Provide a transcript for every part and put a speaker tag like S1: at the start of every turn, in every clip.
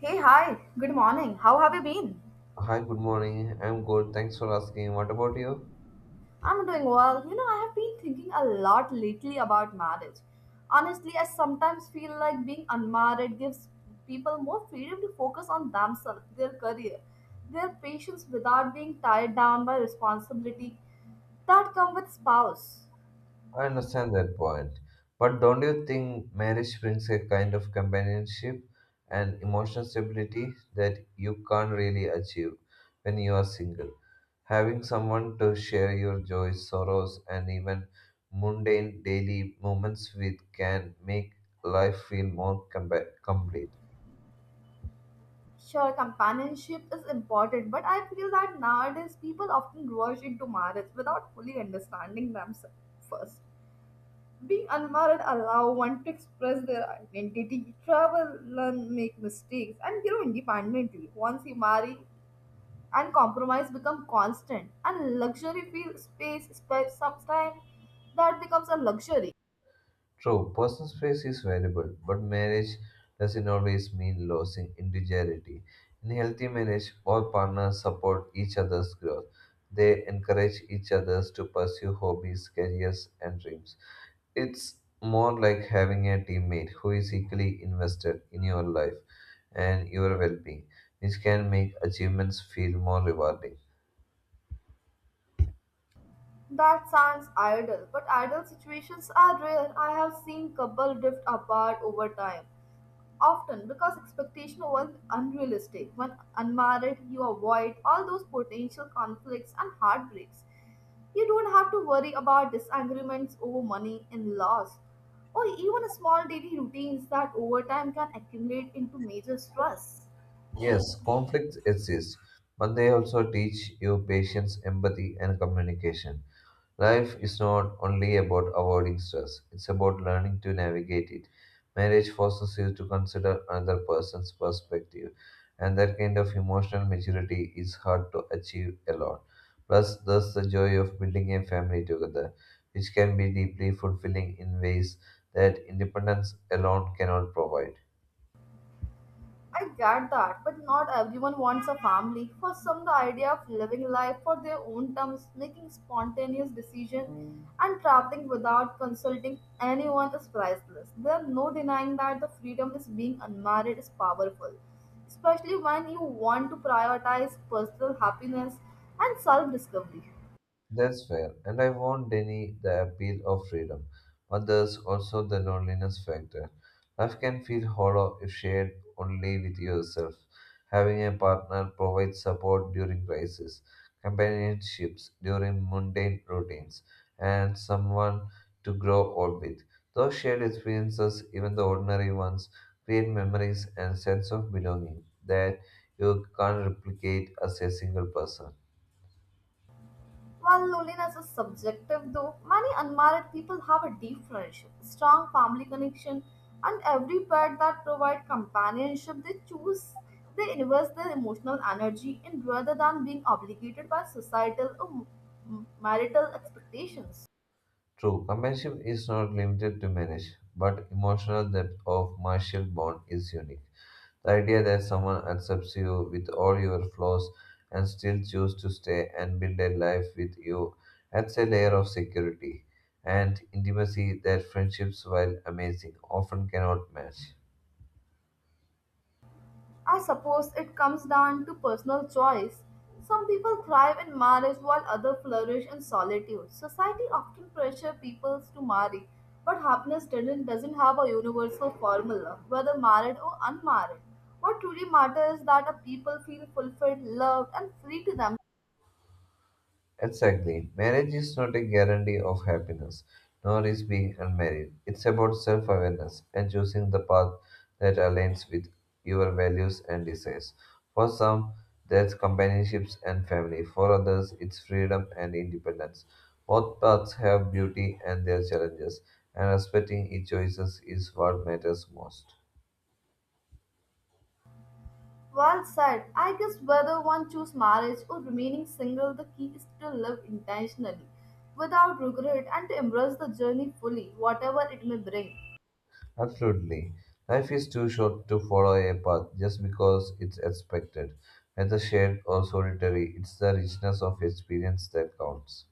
S1: Hey, hi. Good morning. How have you been?
S2: Hi, good morning. I'm good. Thanks for asking. What about you?
S1: I'm doing well. You know, I have been thinking a lot lately about marriage. Honestly, I sometimes feel like being unmarried gives people more freedom to focus on themselves, their career, their patience without being tied down by responsibility that come with spouse.
S2: I understand that point. But don't you think marriage brings a kind of companionship and emotional stability that you can't really achieve when you are single? Having someone to share your joys, sorrows, and even mundane daily moments with can make life feel more complete.
S1: Sure, companionship is important, but I feel that nowadays people often rush into marriage without fully understanding themselves first. Being unmarried allow one to express their identity, travel, learn, make mistakes, and grow independently. Once you marry, and compromise become constant, and luxury feel space, space sometimes that becomes a luxury.
S2: True, personal space is valuable, but marriage doesn't always mean losing individuality. In healthy marriage, all partners support each other's growth. They encourage each other's to pursue hobbies, careers, and dreams. It's more like having a teammate who is equally invested in your life and your well being, which can make achievements feel more rewarding.
S1: That sounds ideal, but ideal situations are rare. I have seen couples drift apart over time, often because expectation was unrealistic. When unmarried, you avoid all those potential conflicts and heartbreaks. You don't have to worry about disagreements over money and loss, or even small daily routines that over time can accumulate into major stress.
S2: Yes, conflicts exist, but they also teach you patience, empathy, and communication. Life is not only about avoiding stress, it's about learning to navigate it. Marriage forces you to consider another person's perspective, and that kind of emotional maturity is hard to achieve alone. Plus, there's the joy of building a family together, which can be deeply fulfilling in ways that independence alone cannot provide.
S1: I get that, but not everyone wants a family. For some, the idea of living life for their own terms, making spontaneous decisions, and traveling without consulting anyone is priceless. There is no denying that the freedom is being unmarried is powerful, especially when you want to prioritize personal happiness and self discovery.
S2: That's fair, and I won't deny the appeal of freedom, but there's also the loneliness factor. Life can feel hollow if shared only with yourself. Having a partner provides support during crisis, companionships during mundane routines, and someone to grow old with. Those shared experiences, even the ordinary ones, create memories and sense of belonging that you can't replicate as a single person.
S1: While loneliness is subjective, though, many unmarried people have a deep friendship, strong family connection, and every pet that provide companionship they choose. They invest their emotional energy in rather than being obligated by societal or marital expectations.
S2: True, companionship is not limited to marriage, but emotional depth of martial bond is unique. The idea that someone accepts you with all your flaws and still choose to stay and build a life with you adds a layer of security and intimacy that friendships, while amazing, often cannot match.
S1: I suppose it comes down to personal choice. Some people thrive in marriage while others flourish in solitude. Society often pressures people to marry, but happiness doesn't have a universal formula, whether married or unmarried. What truly matters is that a people feel fulfilled, loved, and free to them.
S2: Exactly. Marriage is not a guarantee of happiness, nor is being unmarried. It's about self awareness and choosing the path that aligns with your values and desires. For some, that's companionships and family. For others, it's freedom and independence. Both paths have beauty and their challenges, and respecting each choices is what matters most.
S1: Well said. I guess whether one choose marriage or remaining single, the key is to live intentionally, without regret, and to embrace the journey fully, whatever it may bring.
S2: Absolutely. Life is too short to follow a path just because it's expected. Whether shared or solitary, it's the richness of experience that counts.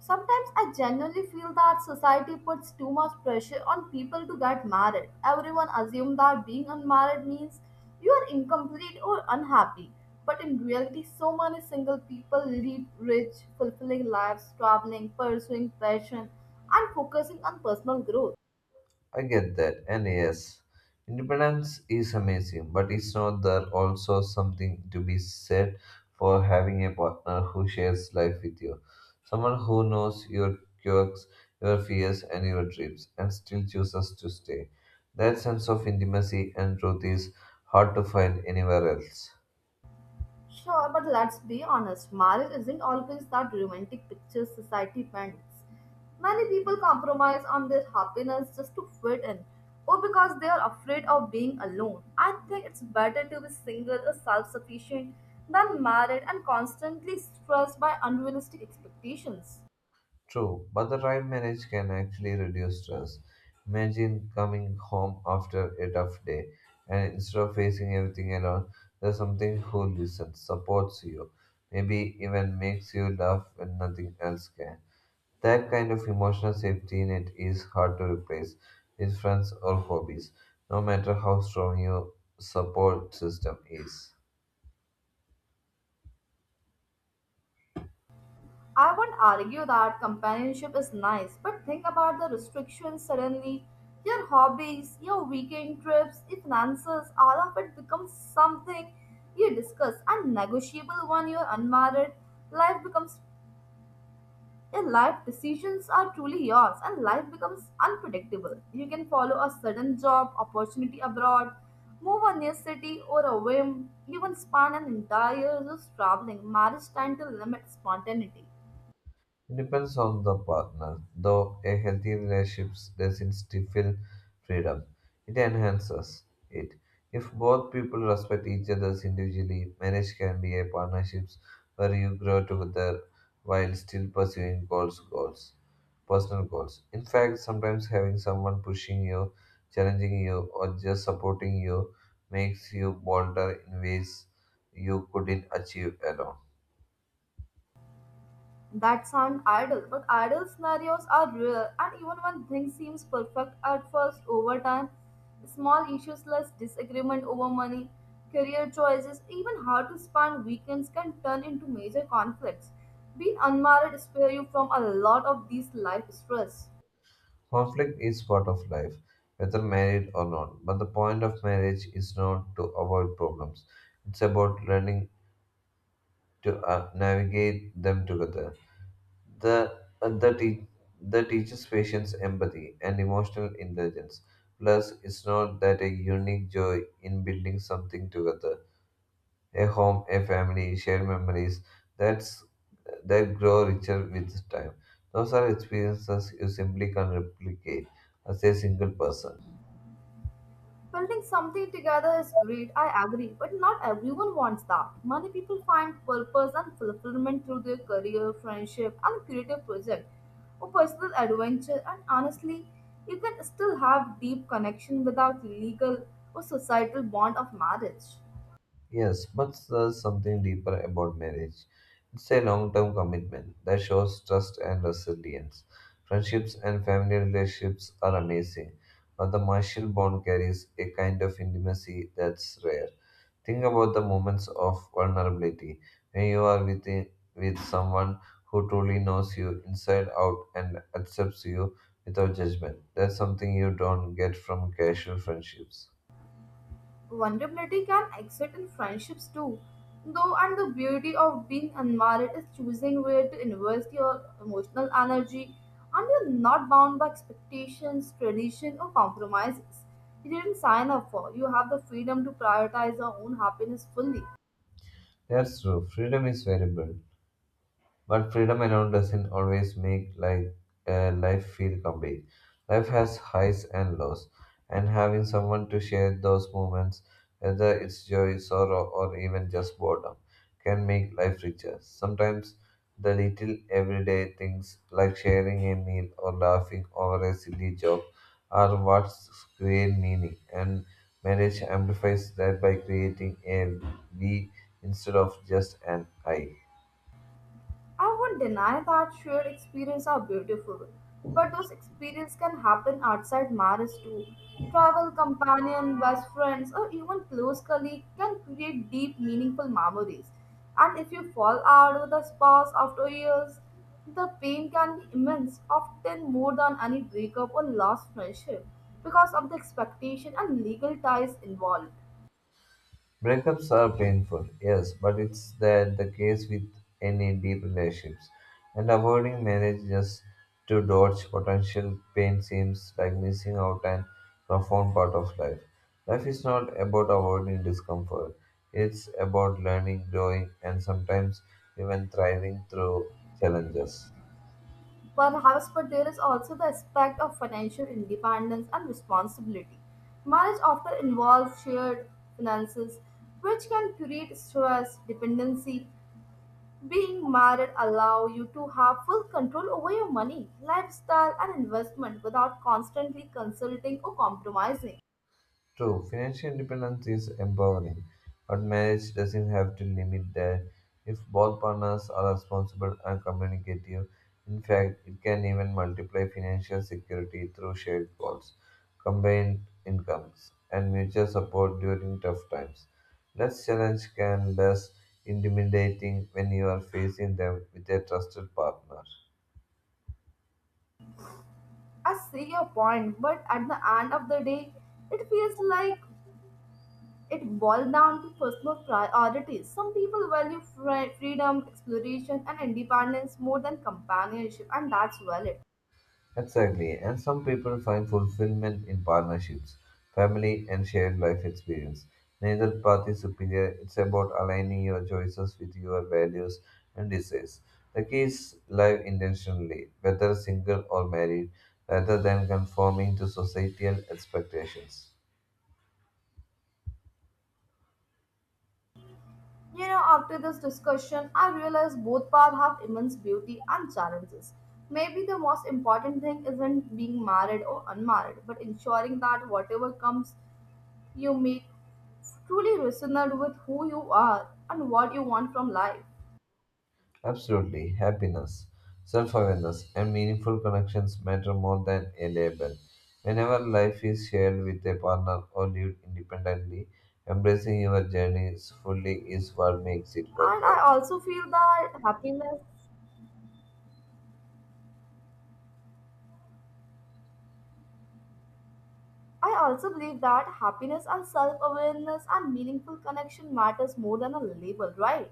S1: Sometimes I genuinely feel that society puts too much pressure on people to get married. Everyone assumes that being unmarried means you are incomplete or unhappy. But in reality, so many single people lead rich, fulfilling lives, traveling, pursuing passion, and focusing on personal growth.
S2: I get that, and yes, independence is amazing, but it's not there also something to be said for having a partner who shares life with you, someone who knows your quirks, your fears, and your dreams, and still chooses to stay. That sense of intimacy and truth is hard to find anywhere else.
S1: Sure, but let's be honest, marriage isn't always that romantic picture society paints. Many people compromise on their happiness just to fit in, or because they are afraid of being alone. I think it's better to be single or self sufficient than married and constantly stressed by unrealistic expectations.
S2: True, but the time manage can actually reduce stress. Imagine coming home after a tough day and instead of facing everything alone, there's something who listens, supports you, maybe even makes you laugh when nothing else can. That kind of emotional safety net is hard to replace with friends or hobbies, no matter how strong your support system is.
S1: I won't argue that companionship is nice, but think about the restrictions suddenly. Your hobbies, your weekend trips, your finances, all of it becomes something you discuss and negotiable when you're unmarried. Life becomes your life decisions are truly yours and life becomes unpredictable. You can follow a sudden job, opportunity abroad, move a new city or a whim, even span an entire year just traveling. Marriage time to limit spontaneity.
S2: It depends on the partner, though a healthy relationship doesn't stifle freedom. It enhances it. If both people respect each other's individually, marriage can be a partnership where you grow together while still pursuing personal goals. In fact, sometimes having someone pushing you, challenging you, or just supporting you makes you bolder in ways you couldn't achieve alone.
S1: That sound idle, but idle scenarios are real. And even when things seems perfect at first, over time, small issues like disagreement over money, career choices, even how to spend weekends can turn into major conflicts. Being unmarried spare you from a lot of these life stress.
S2: Conflict is part of life, whether married or not. But the point of marriage is not to avoid problems, it's about learning to navigate them together. The, uh, the, te- the teaches patience, empathy, and emotional intelligence. Plus, it's not that a unique joy in building something together a home, a family, shared memories that's, that grow richer with time. Those are experiences you simply can't replicate as a single person.
S1: Building something together is great, I agree, but not everyone wants that. Many people find purpose and fulfillment through their career, friendship, and creative project, or personal adventure, and honestly, you can still have deep connection without legal or societal bond of marriage.
S2: Yes, but there's something deeper about marriage. It's a long term commitment that shows trust and resilience. Friendships and family relationships are amazing, but the martial bond carries a kind of intimacy that's rare. Think about the moments of vulnerability when you are with someone who truly knows you inside out and accepts you without judgment. That's something you don't get from casual friendships.
S1: Vulnerability can exist in friendships too, though, and the beauty of being unmarried is choosing where to invest your emotional energy, and you're not bound by expectations, tradition, or compromises you didn't sign up for. You have the freedom to prioritize your own happiness fully.
S2: That's true, freedom is variable. But freedom alone doesn't always make life feel complete. Life has highs and lows, and having someone to share those moments, whether it's joy, sorrow, or even just boredom, can make life richer. Sometimes the little everyday things like sharing a meal or laughing over a silly joke are what create meaning, and marriage amplifies that by creating a we instead of just an I.
S1: I won't deny that shared experiences are beautiful, but those experiences can happen outside marriage too. Travel companion, best friends, or even close colleague can create deep, meaningful memories. And if you fall out with a spouse after years, the pain can be immense, often more than any breakup or lost friendship, because of the expectation and legal ties involved.
S2: Breakups are painful, yes, but it's that the case with any deep relationships. And avoiding marriage just to dodge potential pain seems like missing out on profound part of life. Life is not about avoiding discomfort. It's about learning, growing, and sometimes even thriving through challenges.
S1: Perhaps, but there is also the aspect of financial independence and responsibility. Marriage often involves shared finances, which can create stress, dependency. Being married allows you to have full control over your money, lifestyle, and investment without constantly consulting or compromising.
S2: True, financial independence is empowering, but marriage doesn't have to limit that. If both partners are responsible and communicative, in fact, it can even multiply financial security through shared goals, combined incomes, and mutual support during tough times. Less challenge can less intimidating when you are facing them with a trusted partner.
S1: I see your point, but at the end of the day, it feels like it boils down to personal priorities. Some people value freedom, exploration, and independence more than companionship, and that's valid.
S2: Exactly, and some people find fulfillment in partnerships, family, and shared life experience. Neither path is superior, it's about aligning your choices with your values and desires. The key is live intentionally, whether single or married, rather than conforming to societal expectations.
S1: You know, after this discussion, I realize both paths have immense beauty and challenges. Maybe the most important thing isn't being married or unmarried, but ensuring that whatever comes, you make truly resonate with who you are and what you want from life.
S2: Absolutely. Happiness, self awareness, and meaningful connections matter more than a label. Whenever life is shared with a partner or lived independently, embracing your journeys fully is what makes it
S1: And I
S2: worthwhile.
S1: also feel that happiness I also believe that happiness and self-awareness and meaningful connection matters more than a label, right?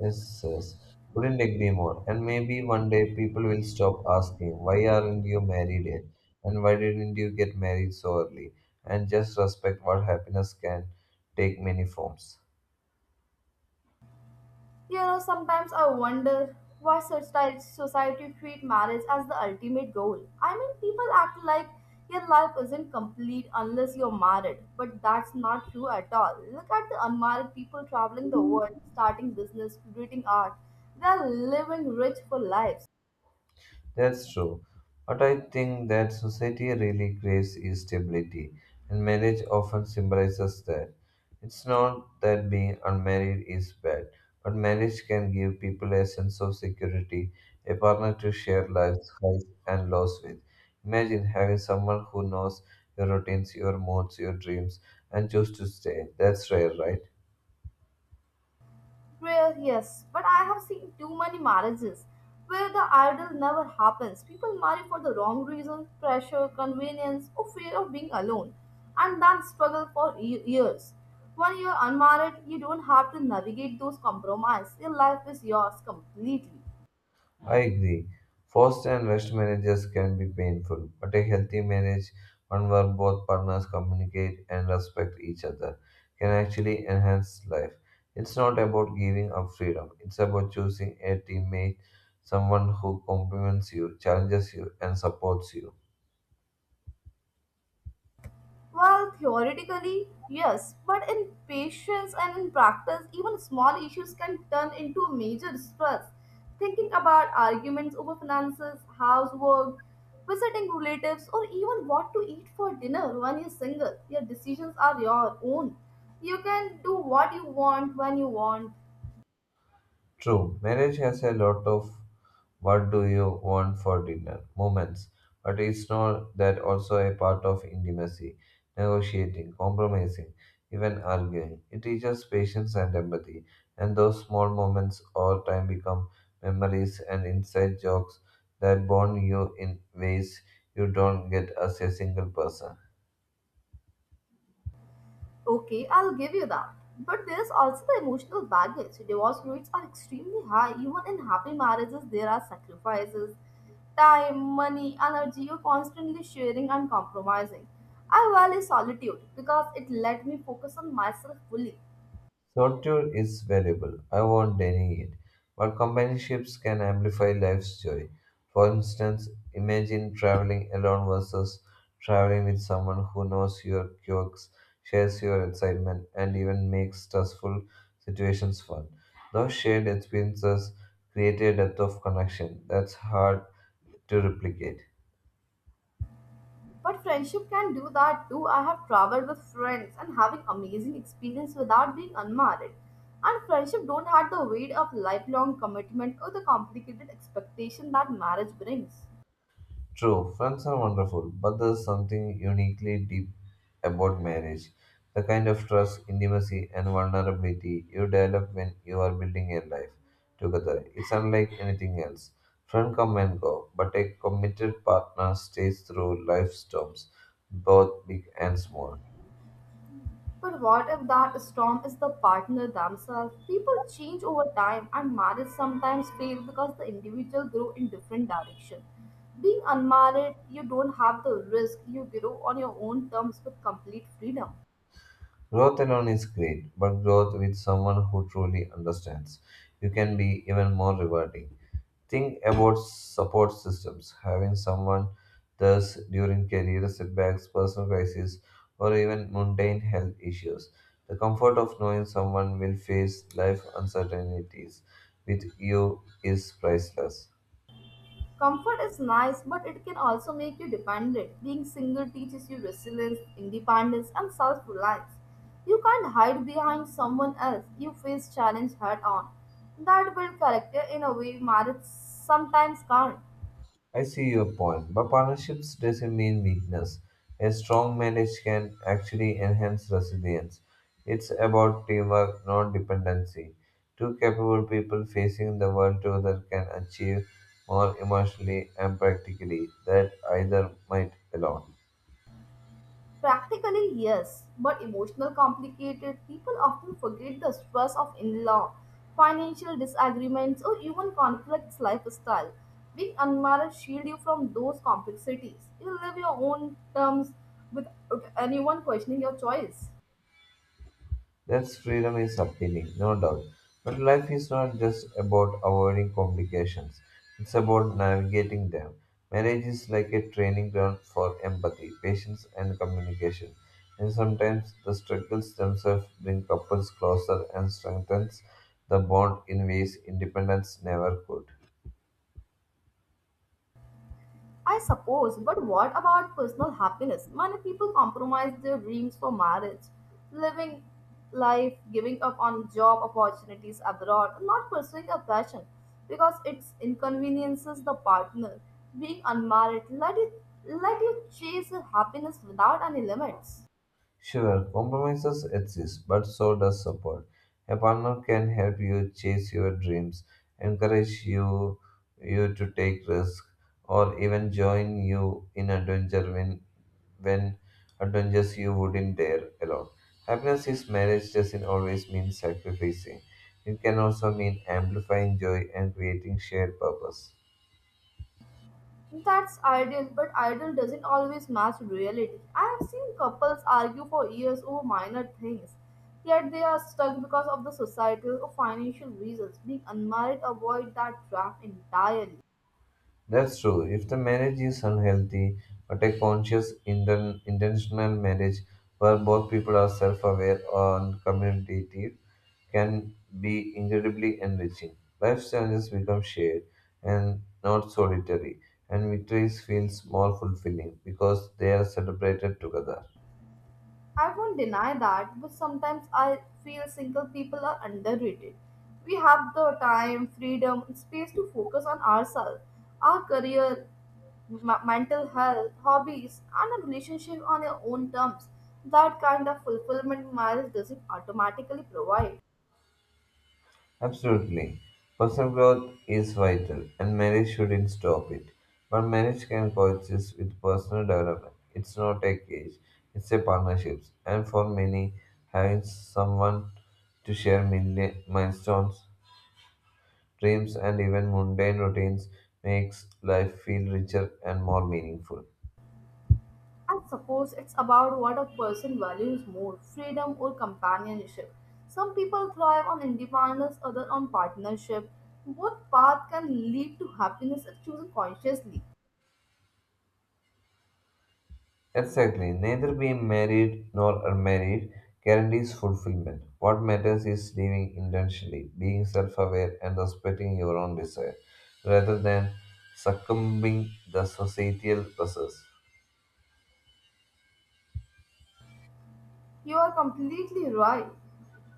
S2: Yes, yes. Couldn't agree more. And maybe one day people will stop asking, why aren't you married yet? And why didn't you get married so early? And just respect what happiness can take many forms.
S1: You know, sometimes I wonder why such type society treat marriage as the ultimate goal. I mean, people act like your life isn't complete unless you're married, but that's not true at all. Look at the unmarried people traveling the world, starting business, creating art. They're living rich for lives.
S2: That's true. But I think that society really craves is stability, and marriage often symbolizes that. It's not that being unmarried is bad, but marriage can give people a sense of security, a partner to share life's highs and lows with. Imagine having someone who knows your routines, your moods, your dreams, and choose to stay. That's rare, right?
S1: Well, yes, but I have seen too many marriages where the ideal never happens. People marry for the wrong reasons, pressure, convenience, or fear of being alone, and then struggle for years. When you're unmarried, you don't have to navigate those compromises. Your life is yours completely.
S2: I agree. Forced and rushed marriages can be painful, but a healthy marriage, one where both partners communicate and respect each other, can actually enhance life. It's not about giving up freedom, it's about choosing a teammate, someone who compliments you, challenges you, and supports you.
S1: Well, theoretically, yes, but in patience and in practice, even small issues can turn into major stress. Thinking about arguments over finances, housework, visiting relatives, or even what to eat for dinner when you're single, your decisions are your own. You can do what you want when you want.
S2: True, marriage has a lot of what do you want for dinner moments. But is not that also a part of intimacy? Negotiating, compromising, even arguing. It teaches patience and empathy. And those small moments over time become memories and inside jokes that bond you in ways you don't get as a single person.
S1: Okay, I'll give you that. But there's also the emotional baggage. Divorce rates are extremely high. Even in happy marriages, there are sacrifices, time, money, energy. You're constantly sharing and compromising. I value solitude because it let me focus on myself fully.
S2: Solitude is valuable, I won't deny it, but companionships can amplify life's joy. For instance, imagine traveling alone versus traveling with someone who knows your quirks, shares your excitement, and even makes stressful situations fun. Those shared experiences create a depth of connection that's hard to replicate.
S1: But friendship can do that too. I have traveled with friends and having amazing experience without being unmarried. And friendship don't have the weight of lifelong commitment or the complicated expectation that marriage brings.
S2: True, friends are wonderful, but there's something uniquely deep about marriage. The kind of trust, intimacy, and vulnerability you develop when you are building a life together. It's unlike anything else. Friends come and go, but a committed partner stays through life storms, both big and small.
S1: But what if that storm is the partner themselves? People change over time and marriage sometimes fails because the individual grow in different direction. Being unmarried, you don't have the risk. You grow on your own terms with complete freedom.
S2: Growth alone is great, but growth with someone who truly understands you can be even more rewarding. Think about support systems, having someone thus during career setbacks, personal crises, or even mundane health issues. The comfort of knowing someone will face life uncertainties with you is priceless.
S1: Comfort is nice, but it can also make you dependent. Being single teaches you resilience, independence, and self reliance. You can't hide behind someone else. You face challenge head on. That builds character in a way marriage sometimes can't.
S2: I see your point, but partnerships doesn't mean weakness. A strong marriage can actually enhance resilience. It's about teamwork, not dependency. Two capable people facing the world together can achieve more emotionally and practically than either might alone.
S1: Practically, yes, but emotional complicated people often forget the stress of in-law, financial disagreements, or even conflicts lifestyle. Being unmarried shield you from those complexities. You live your own terms without anyone questioning your choice.
S2: That freedom is appealing, no doubt. But life is not just about avoiding complications, it's about navigating them. Marriage is like a training ground for empathy, patience, and communication. And sometimes the struggles themselves bring couples closer and strengthens the bond in ways independence never could.
S1: I suppose, but what about personal happiness? Many people compromise their dreams for marriage, living life, giving up on job opportunities abroad, and not pursuing a passion because it inconveniences the partner. Being unmarried, let you chase your happiness without any limits.
S2: Sure, compromises exist, but so does support. A partner can help you chase your dreams, encourage you to take risks, or even join you in adventure when adventures you wouldn't dare alone. Happiness is marriage doesn't always mean sacrificing. It can also mean amplifying joy and creating shared purpose.
S1: That's ideal, but ideal doesn't always match reality. I have seen couples argue for years over minor things, yet they are stuck because of the societal or financial reasons. Being unmarried avoid that trap entirely.
S2: That's true. If the marriage is unhealthy, but a conscious, intentional marriage where both people are self aware and communicative can be incredibly enriching. Life's challenges become shared and not solitary, and victories feel more fulfilling because they are celebrated together.
S1: I won't deny that, but sometimes I feel single people are underrated. We have the time, freedom, and space to focus on ourselves, our career, mental health, hobbies, and a relationship on your own terms. That kind of fulfillment marriage doesn't automatically provide.
S2: Absolutely. Personal growth is vital, and marriage shouldn't stop it. But marriage can coexist with personal development. It's not a cage, it's a partnership. And for many, having someone to share milestones, dreams, and even mundane routines makes life feel richer and more meaningful.
S1: And suppose it's about what a person values more freedom or companionship. Some people thrive on independence, others on partnership. Both paths can lead to happiness if chosen consciously.
S2: Exactly. Neither being married nor unmarried guarantees fulfillment. What matters is living intentionally, being self aware, and respecting your own desire, rather than succumbing the societal pressures.
S1: You are completely right.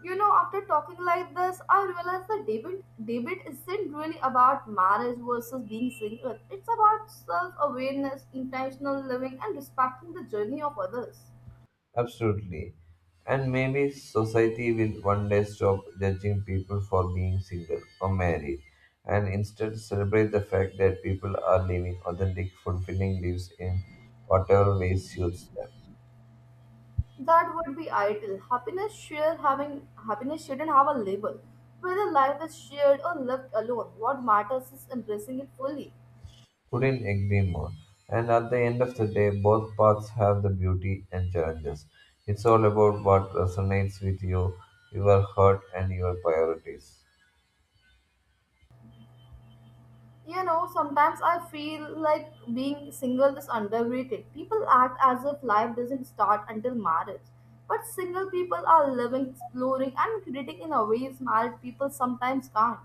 S1: You know, after talking like this, I realized that debate isn't really about marriage versus being single. It's about self awareness, intentional living, and respecting the journey of others.
S2: Absolutely. And maybe society will one day stop judging people for being single or married and instead celebrate the fact that people are living authentic, fulfilling lives in whatever way suits them.
S1: That would be ideal. Happiness share having happiness shouldn't have a label. Whether life is shared or lived alone, what matters is embracing it fully.
S2: Couldn't agree more. And at the end of the day, both paths have the beauty and challenges. It's all about what resonates with you, your heart, and your priorities.
S1: You know, sometimes I feel like being single is underrated. People act as if life doesn't start until marriage. But single people are living, exploring, and creating in a ways married people sometimes can't.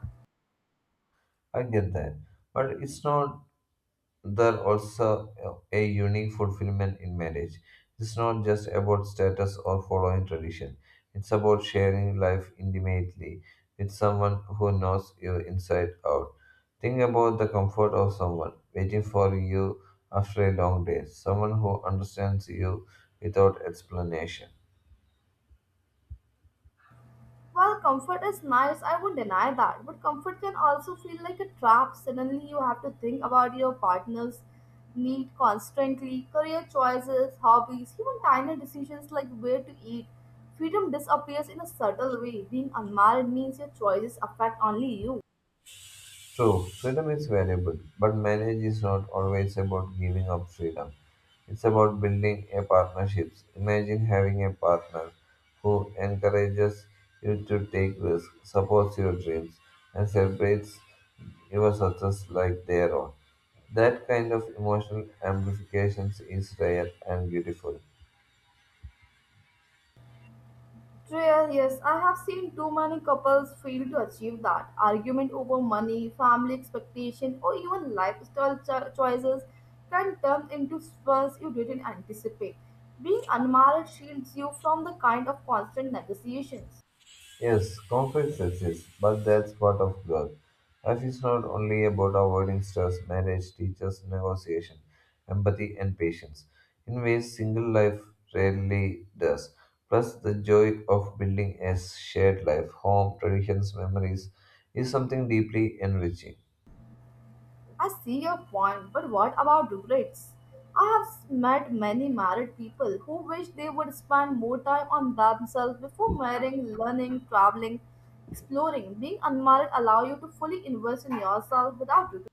S2: I get that. But it's not there also a unique fulfillment in marriage. It's not just about status or following tradition. It's about sharing life intimately with someone who knows you inside out. Think about the comfort of someone waiting for you after a long day, someone who understands you without explanation.
S1: Well, comfort is nice, I won't deny that, but comfort can also feel like a trap. Suddenly, you have to think about your partner's need constantly, career choices, hobbies, even tiny decisions like where to eat. Freedom disappears in a subtle way. Being unmarried means your choices affect only you.
S2: True, freedom is valuable, but marriage is not always about giving up freedom. It's about building a partnership. Imagine having a partner who encourages you to take risks, supports your dreams, and celebrates your success like their own. That kind of emotional amplification is rare and beautiful.
S1: Trail, yes, I have seen too many couples fail to achieve that. Argument over money, family expectation, or even lifestyle choices can turn into stress you didn't anticipate. Being unmarried shields you from the kind of constant negotiations.
S2: Yes, conflict exists, but that's part of growth. Life is not only about avoiding stress, marriage, teachers, negotiation, empathy, and patience, in ways single life rarely does. Plus, the joy of building a shared life, home, traditions, memories, is something deeply enriching.
S1: I see your point, but what about regrets? I have met many married people who wish they would spend more time on themselves before marrying, learning, traveling, exploring. Being unmarried allows you to fully invest in yourself without regret.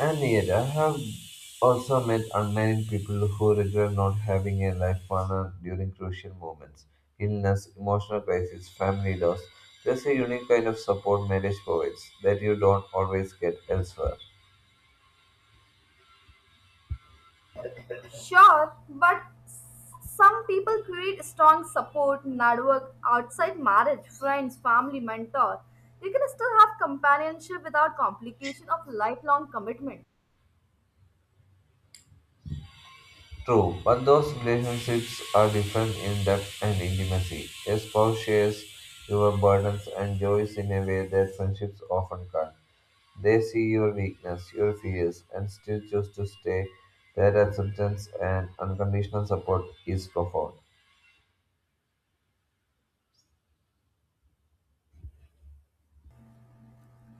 S2: And yet, I have also met unmarried people who regret not having a life partner during crucial moments illness, emotional crisis, family loss. There's a unique kind of support marriage provides that you don't always get elsewhere.
S1: Sure, but some people create strong support network outside marriage, friends, family, mentor. You can still have companionship without complication of lifelong commitment.
S2: True, but those relationships are different in depth and intimacy. A spouse shares your burdens and joys in a way that friendships often can't. They see your weakness, your fears, and still choose to stay. That acceptance and unconditional support is profound.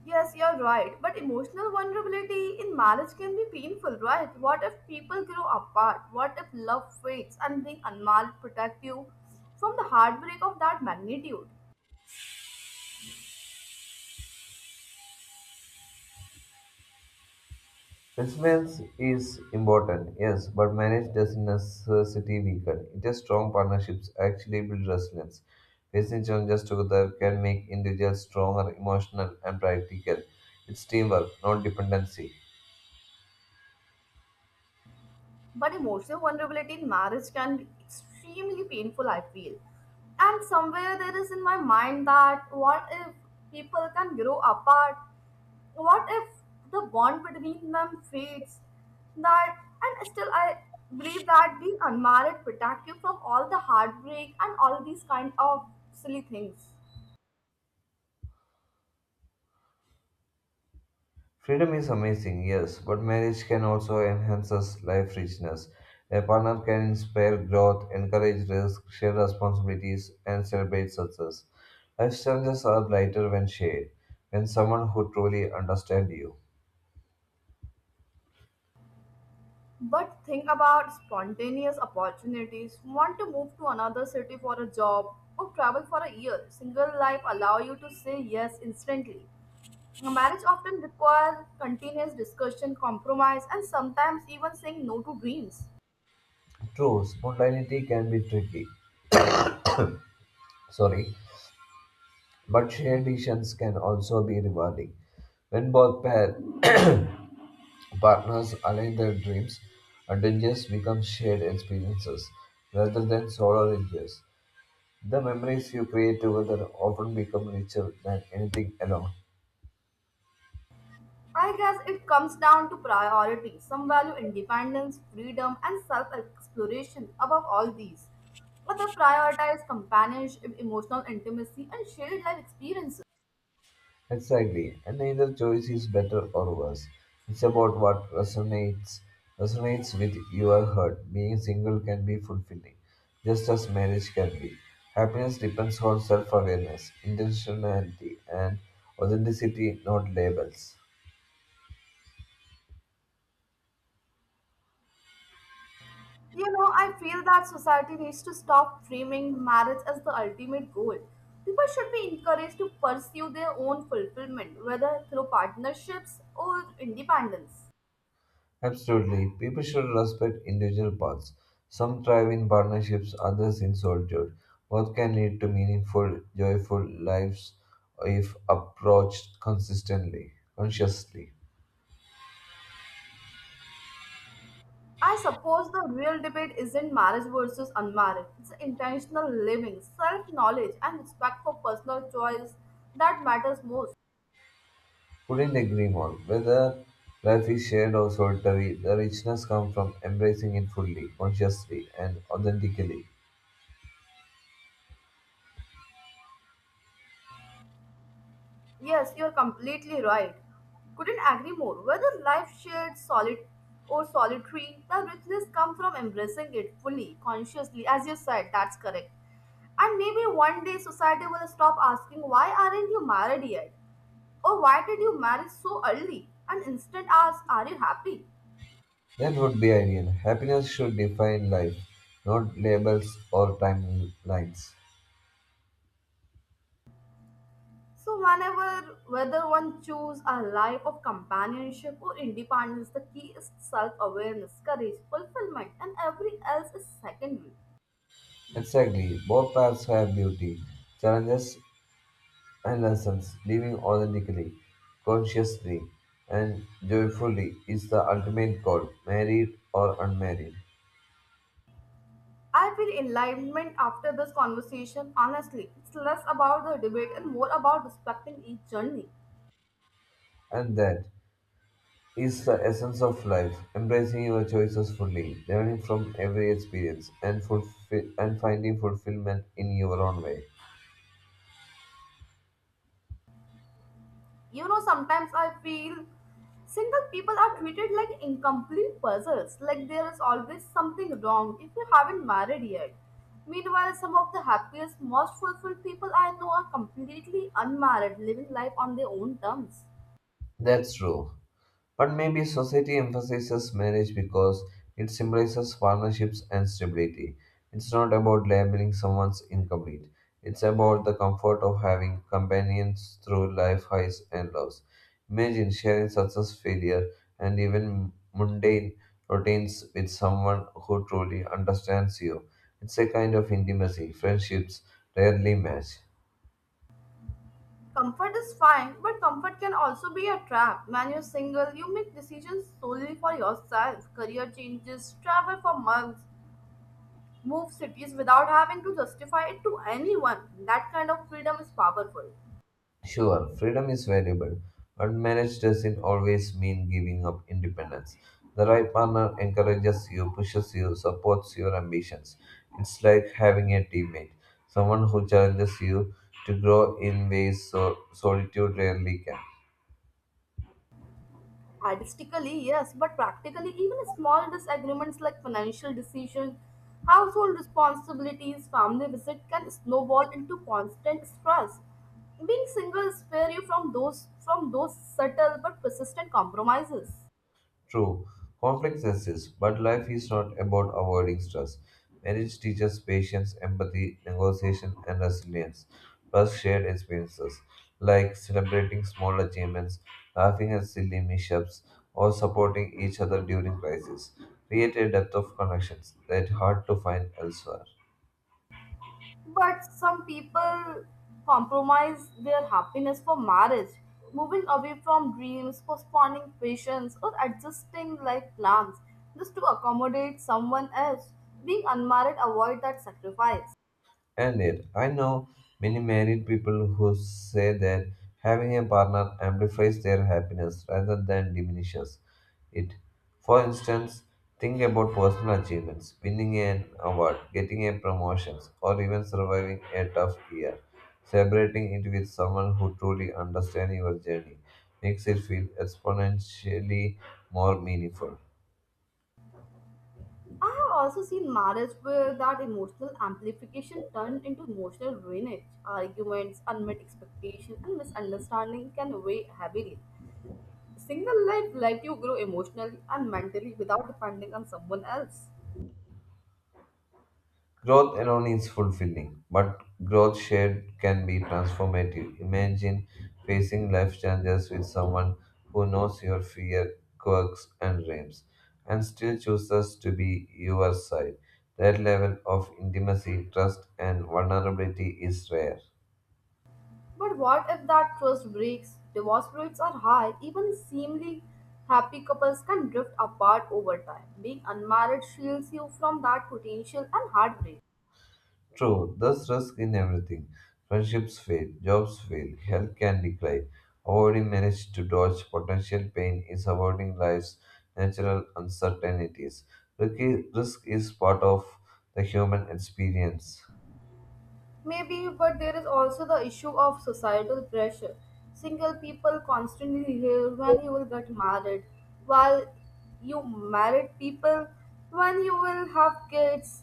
S1: Yes, you're right. But emotional vulnerability in marriage can be painful, right? What if people grow apart? What if love fades and being unmarried protect you from the heartbreak of that magnitude?
S2: Resilience is important, yes, but marriage doesn't necessarily weaken. It's strong partnerships actually build resilience. Facing challenges together can make individuals stronger, emotional, and practical. It's teamwork, not dependency.
S1: But emotional vulnerability in marriage can be extremely painful, I feel. And somewhere there is in my mind that what if people can grow apart? What if the bond between them fades? That and still I believe that being unmarried protect you from all the heartbreak and all these kind of silly things.
S2: Freedom is amazing, yes, but marriage can also enhance us life richness. A partner can inspire growth, encourage risk, share responsibilities, and celebrate success. Life challenges are lighter when shared, when someone who truly understands you.
S1: But think about spontaneous opportunities. Want to move to another city for a job or travel for a year. Single life allow you to say yes instantly. Marriage often requires continuous discussion, compromise, and sometimes even saying no to dreams.
S2: True, spontaneity can be tricky, sorry, but shared decisions can also be rewarding. When both pair partners align their dreams, adventures become shared experiences rather than solo adventures. The memories you create together often become richer than anything alone.
S1: I guess it comes down to priorities. Some value independence, freedom, and self exploration above all these. Others prioritize companionship, emotional intimacy, and shared life experiences.
S2: Exactly, and neither choice is better or worse. It's about what resonates with your heart. Being single can be fulfilling, just as marriage can be. Happiness depends on self-awareness, intentionality, and authenticity, not labels.
S1: You know, I feel that society needs to stop framing marriage as the ultimate goal. People should be encouraged to pursue their own fulfillment, whether through partnerships or independence.
S2: Absolutely. People should respect individual paths. Some thrive in partnerships, others in solitude. Both can lead to meaningful, joyful lives if approached consistently, consciously.
S1: I suppose the real debate isn't marriage versus unmarried, it's intentional living, self knowledge, and respect for personal choice that matters most.
S2: Couldn't agree more. Whether life is shared or solitary, the richness comes from embracing it fully, consciously, and authentically.
S1: Yes, you're completely right. Couldn't agree more. Whether life shared, solid, or solitary, the richness comes from embracing it fully, consciously. As you said, that's correct. And maybe one day society will stop asking, why aren't you married yet? Or why did you marry so early? And instead ask, are you happy?
S2: That would be ideal. Happiness should define life, not labels or timelines.
S1: So whenever, whether one choose a life of companionship or independence, the key is self-awareness, courage, fulfillment, and every else is secondary.
S2: Exactly. Both paths have beauty, challenges, and lessons. Living authentically, consciously, and joyfully is the ultimate goal, married or unmarried.
S1: I feel enlightenment after this conversation. Honestly, it's less about the debate and more about respecting each journey.
S2: And that is the essence of life, embracing your choices fully, learning from every experience, and, finding fulfillment in your own way.
S1: You know, sometimes I feel single people are treated like incomplete puzzles, like there is always something wrong if you haven't married yet. Meanwhile, some of the happiest, most fulfilled people I know are completely unmarried, living life on their own terms.
S2: That's true. But maybe society emphasizes marriage because it symbolizes partnerships and stability. It's not about labeling someone's incomplete. It's about the comfort of having companions through life highs and lows. Imagine sharing success, failure, and even mundane routines with someone who truly understands you. It's a kind of intimacy friendships rarely match.
S1: Comfort is fine, but comfort can also be a trap. When you're single, you make decisions solely for yourself. Career changes, travel for months, move cities without having to justify it to anyone. That kind of freedom is powerful.
S2: Sure, freedom is valuable, but marriage doesn't always mean giving up independence. The right partner encourages you, pushes you, supports your ambitions. It's like having a teammate, someone who challenges you to grow in ways so solitude rarely can.
S1: Artistically, yes, but practically, even small disagreements like financial decisions, household responsibilities, family visit can snowball into constant stress. Being single spare you from those subtle but persistent compromises.
S2: True, conflicts exist, but life is not about avoiding stress. Marriage teaches patience, empathy, negotiation, and resilience. Plus, shared experiences like celebrating small achievements, laughing at silly mishaps, or supporting each other during crises create a depth of connections that hard to find elsewhere.
S1: But some people compromise their happiness for marriage, moving away from dreams, postponing patience, or adjusting life plans just to accommodate someone else. Being unmarried avoid that sacrifice.
S2: And it. I know many married people who say that having a partner amplifies their happiness rather than diminishes it. For instance, think about personal achievements, winning an award, getting a promotion, or even surviving a tough year. Celebrating it with someone who truly understands your journey makes it feel exponentially more meaningful.
S1: I have also seen marriage where that emotional amplification turned into emotional ruinage. Arguments, unmet expectations, and misunderstanding can weigh heavily. Single life let you grow emotionally and mentally without depending on someone else.
S2: Growth alone is fulfilling, but growth shared can be transformative. Imagine facing life challenges with someone who knows your fear, quirks, and dreams, and still chooses to be your side. That level of intimacy, trust, and vulnerability is rare.
S1: But what if that trust breaks? Divorce rates are high. Even seemingly happy couples can drift apart over time. Being unmarried shields you from that potential and heartbreak.
S2: True, thus risk in everything. Friendships fail, jobs fail, health can decline. Avoiding manage to dodge potential pain is avoiding life's natural uncertainties. Risk is part of the human experience.
S1: Maybe, but there is also the issue of societal pressure. Single people constantly hear when you will get married, while you married people when you will have kids.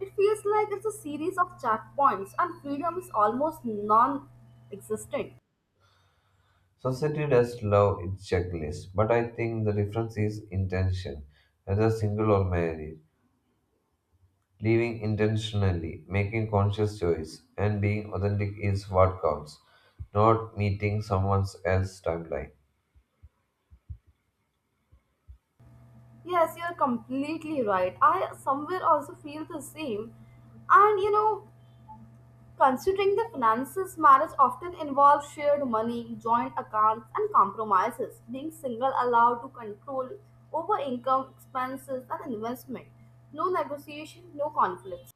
S1: It feels like it's a series of checkpoints, and freedom is almost non existent.
S2: Society does love its checklist, but I think the difference is intention, whether single or married. Living intentionally, making conscious choice, and being authentic is what counts, not meeting someone else's timeline.
S1: Yes, you're completely right. I somewhere also feel the same. And you know, considering the finances, marriage often involves shared money, joint accounts, and compromises. Being single allowed to control over income, expenses, and investment. No negotiation, no conflict.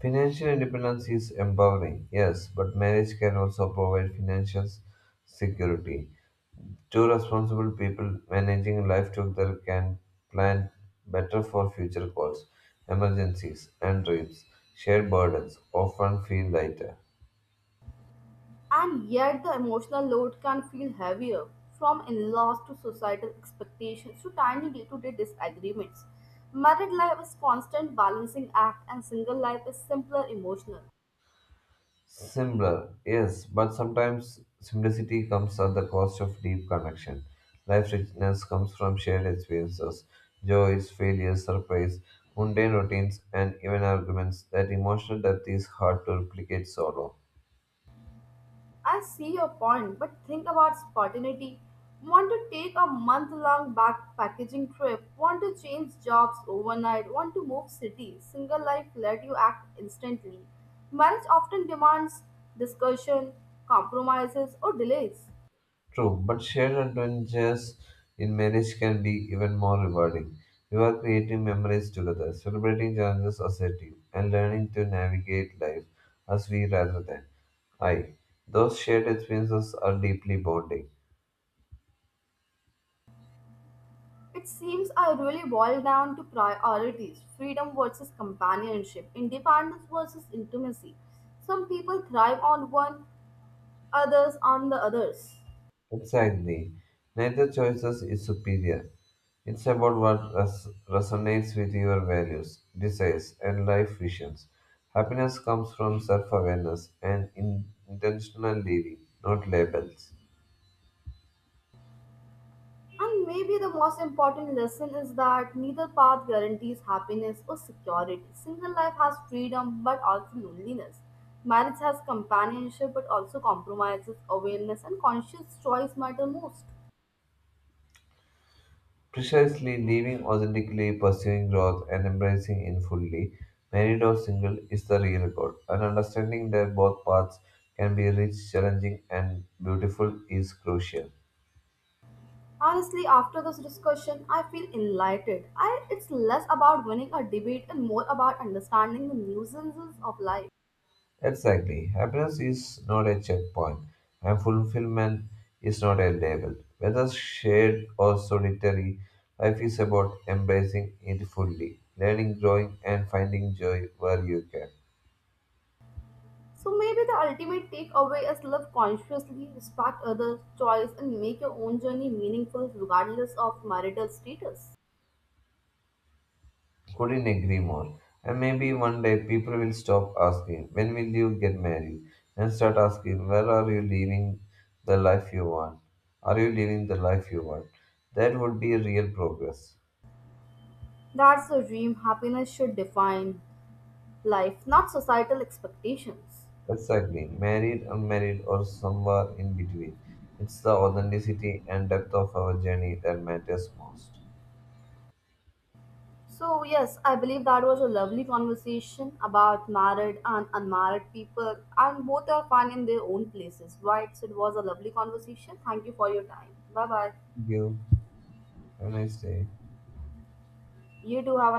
S2: Financial independence is empowering, yes, but marriage can also provide financial security. Two responsible people managing life together can plan better for future goals, emergencies, and dreams. Shared burdens often feel lighter.
S1: And yet, the emotional load can feel heavier from in laws to societal expectations to tiny day to day disagreements. Married life is constant balancing act, and single life is simpler emotional.
S2: Similar, yes, but sometimes simplicity comes at the cost of deep connection. Life richness comes from shared experiences, joys, failures, surprise, mundane routines, and even arguments. That emotional depth is hard to replicate solo.
S1: I see your point, but think about spontaneity. Want to take a month long back packaging trip? Want to change jobs overnight? Want to move cities? Single life let you act instantly. Marriage often demands discussion, compromises, or delays.
S2: True, but shared adventures in marriage can be even more rewarding. You are creating memories together, celebrating challenges as a team, and learning to navigate life as we rather than. I. Those shared experiences are deeply bonding.
S1: It seems I really boil down to priorities freedom versus companionship, independence versus intimacy. Some people thrive on one, others on the others.
S2: Exactly. Neither choices is superior. It's about what resonates with your values, desires, and life visions. Happiness comes from self awareness and intentional living, not labels.
S1: And maybe the most important lesson is that neither path guarantees happiness or security. Single life has freedom but also loneliness. Marriage has companionship but also compromises, awareness, and conscious choice matter most.
S2: Precisely living authentically, pursuing growth, and embracing in fully, married or single, is the real goal. And understanding that both paths can be rich, challenging, and beautiful is crucial.
S1: Honestly, after this discussion, I feel enlightened. It's less about winning a debate and more about understanding the nuisances of life.
S2: Exactly. Happiness is not a checkpoint, and fulfillment is not a label. Whether shared or solitary, life is about embracing it fully, learning, growing, and finding joy where you can.
S1: So maybe the ultimate takeaway is live consciously, respect others' choice, and make your own journey meaningful regardless of marital status.
S2: Couldn't agree more. And maybe one day people will stop asking, "When will you get married?" and start asking, "Where are you living the life you want? Are you living the life you want?" That would be real progress.
S1: That's the dream happiness should define life, not societal expectations.
S2: Exactly. Married, unmarried, or somewhere in between. It's the authenticity and depth of our journey that matters most.
S1: So, yes, I believe that was a lovely conversation about married and unmarried people, and both are fine in their own places, right? So, it was a lovely conversation. Thank you for your time. Bye bye.
S2: Thank you. Have a nice day.
S1: You too have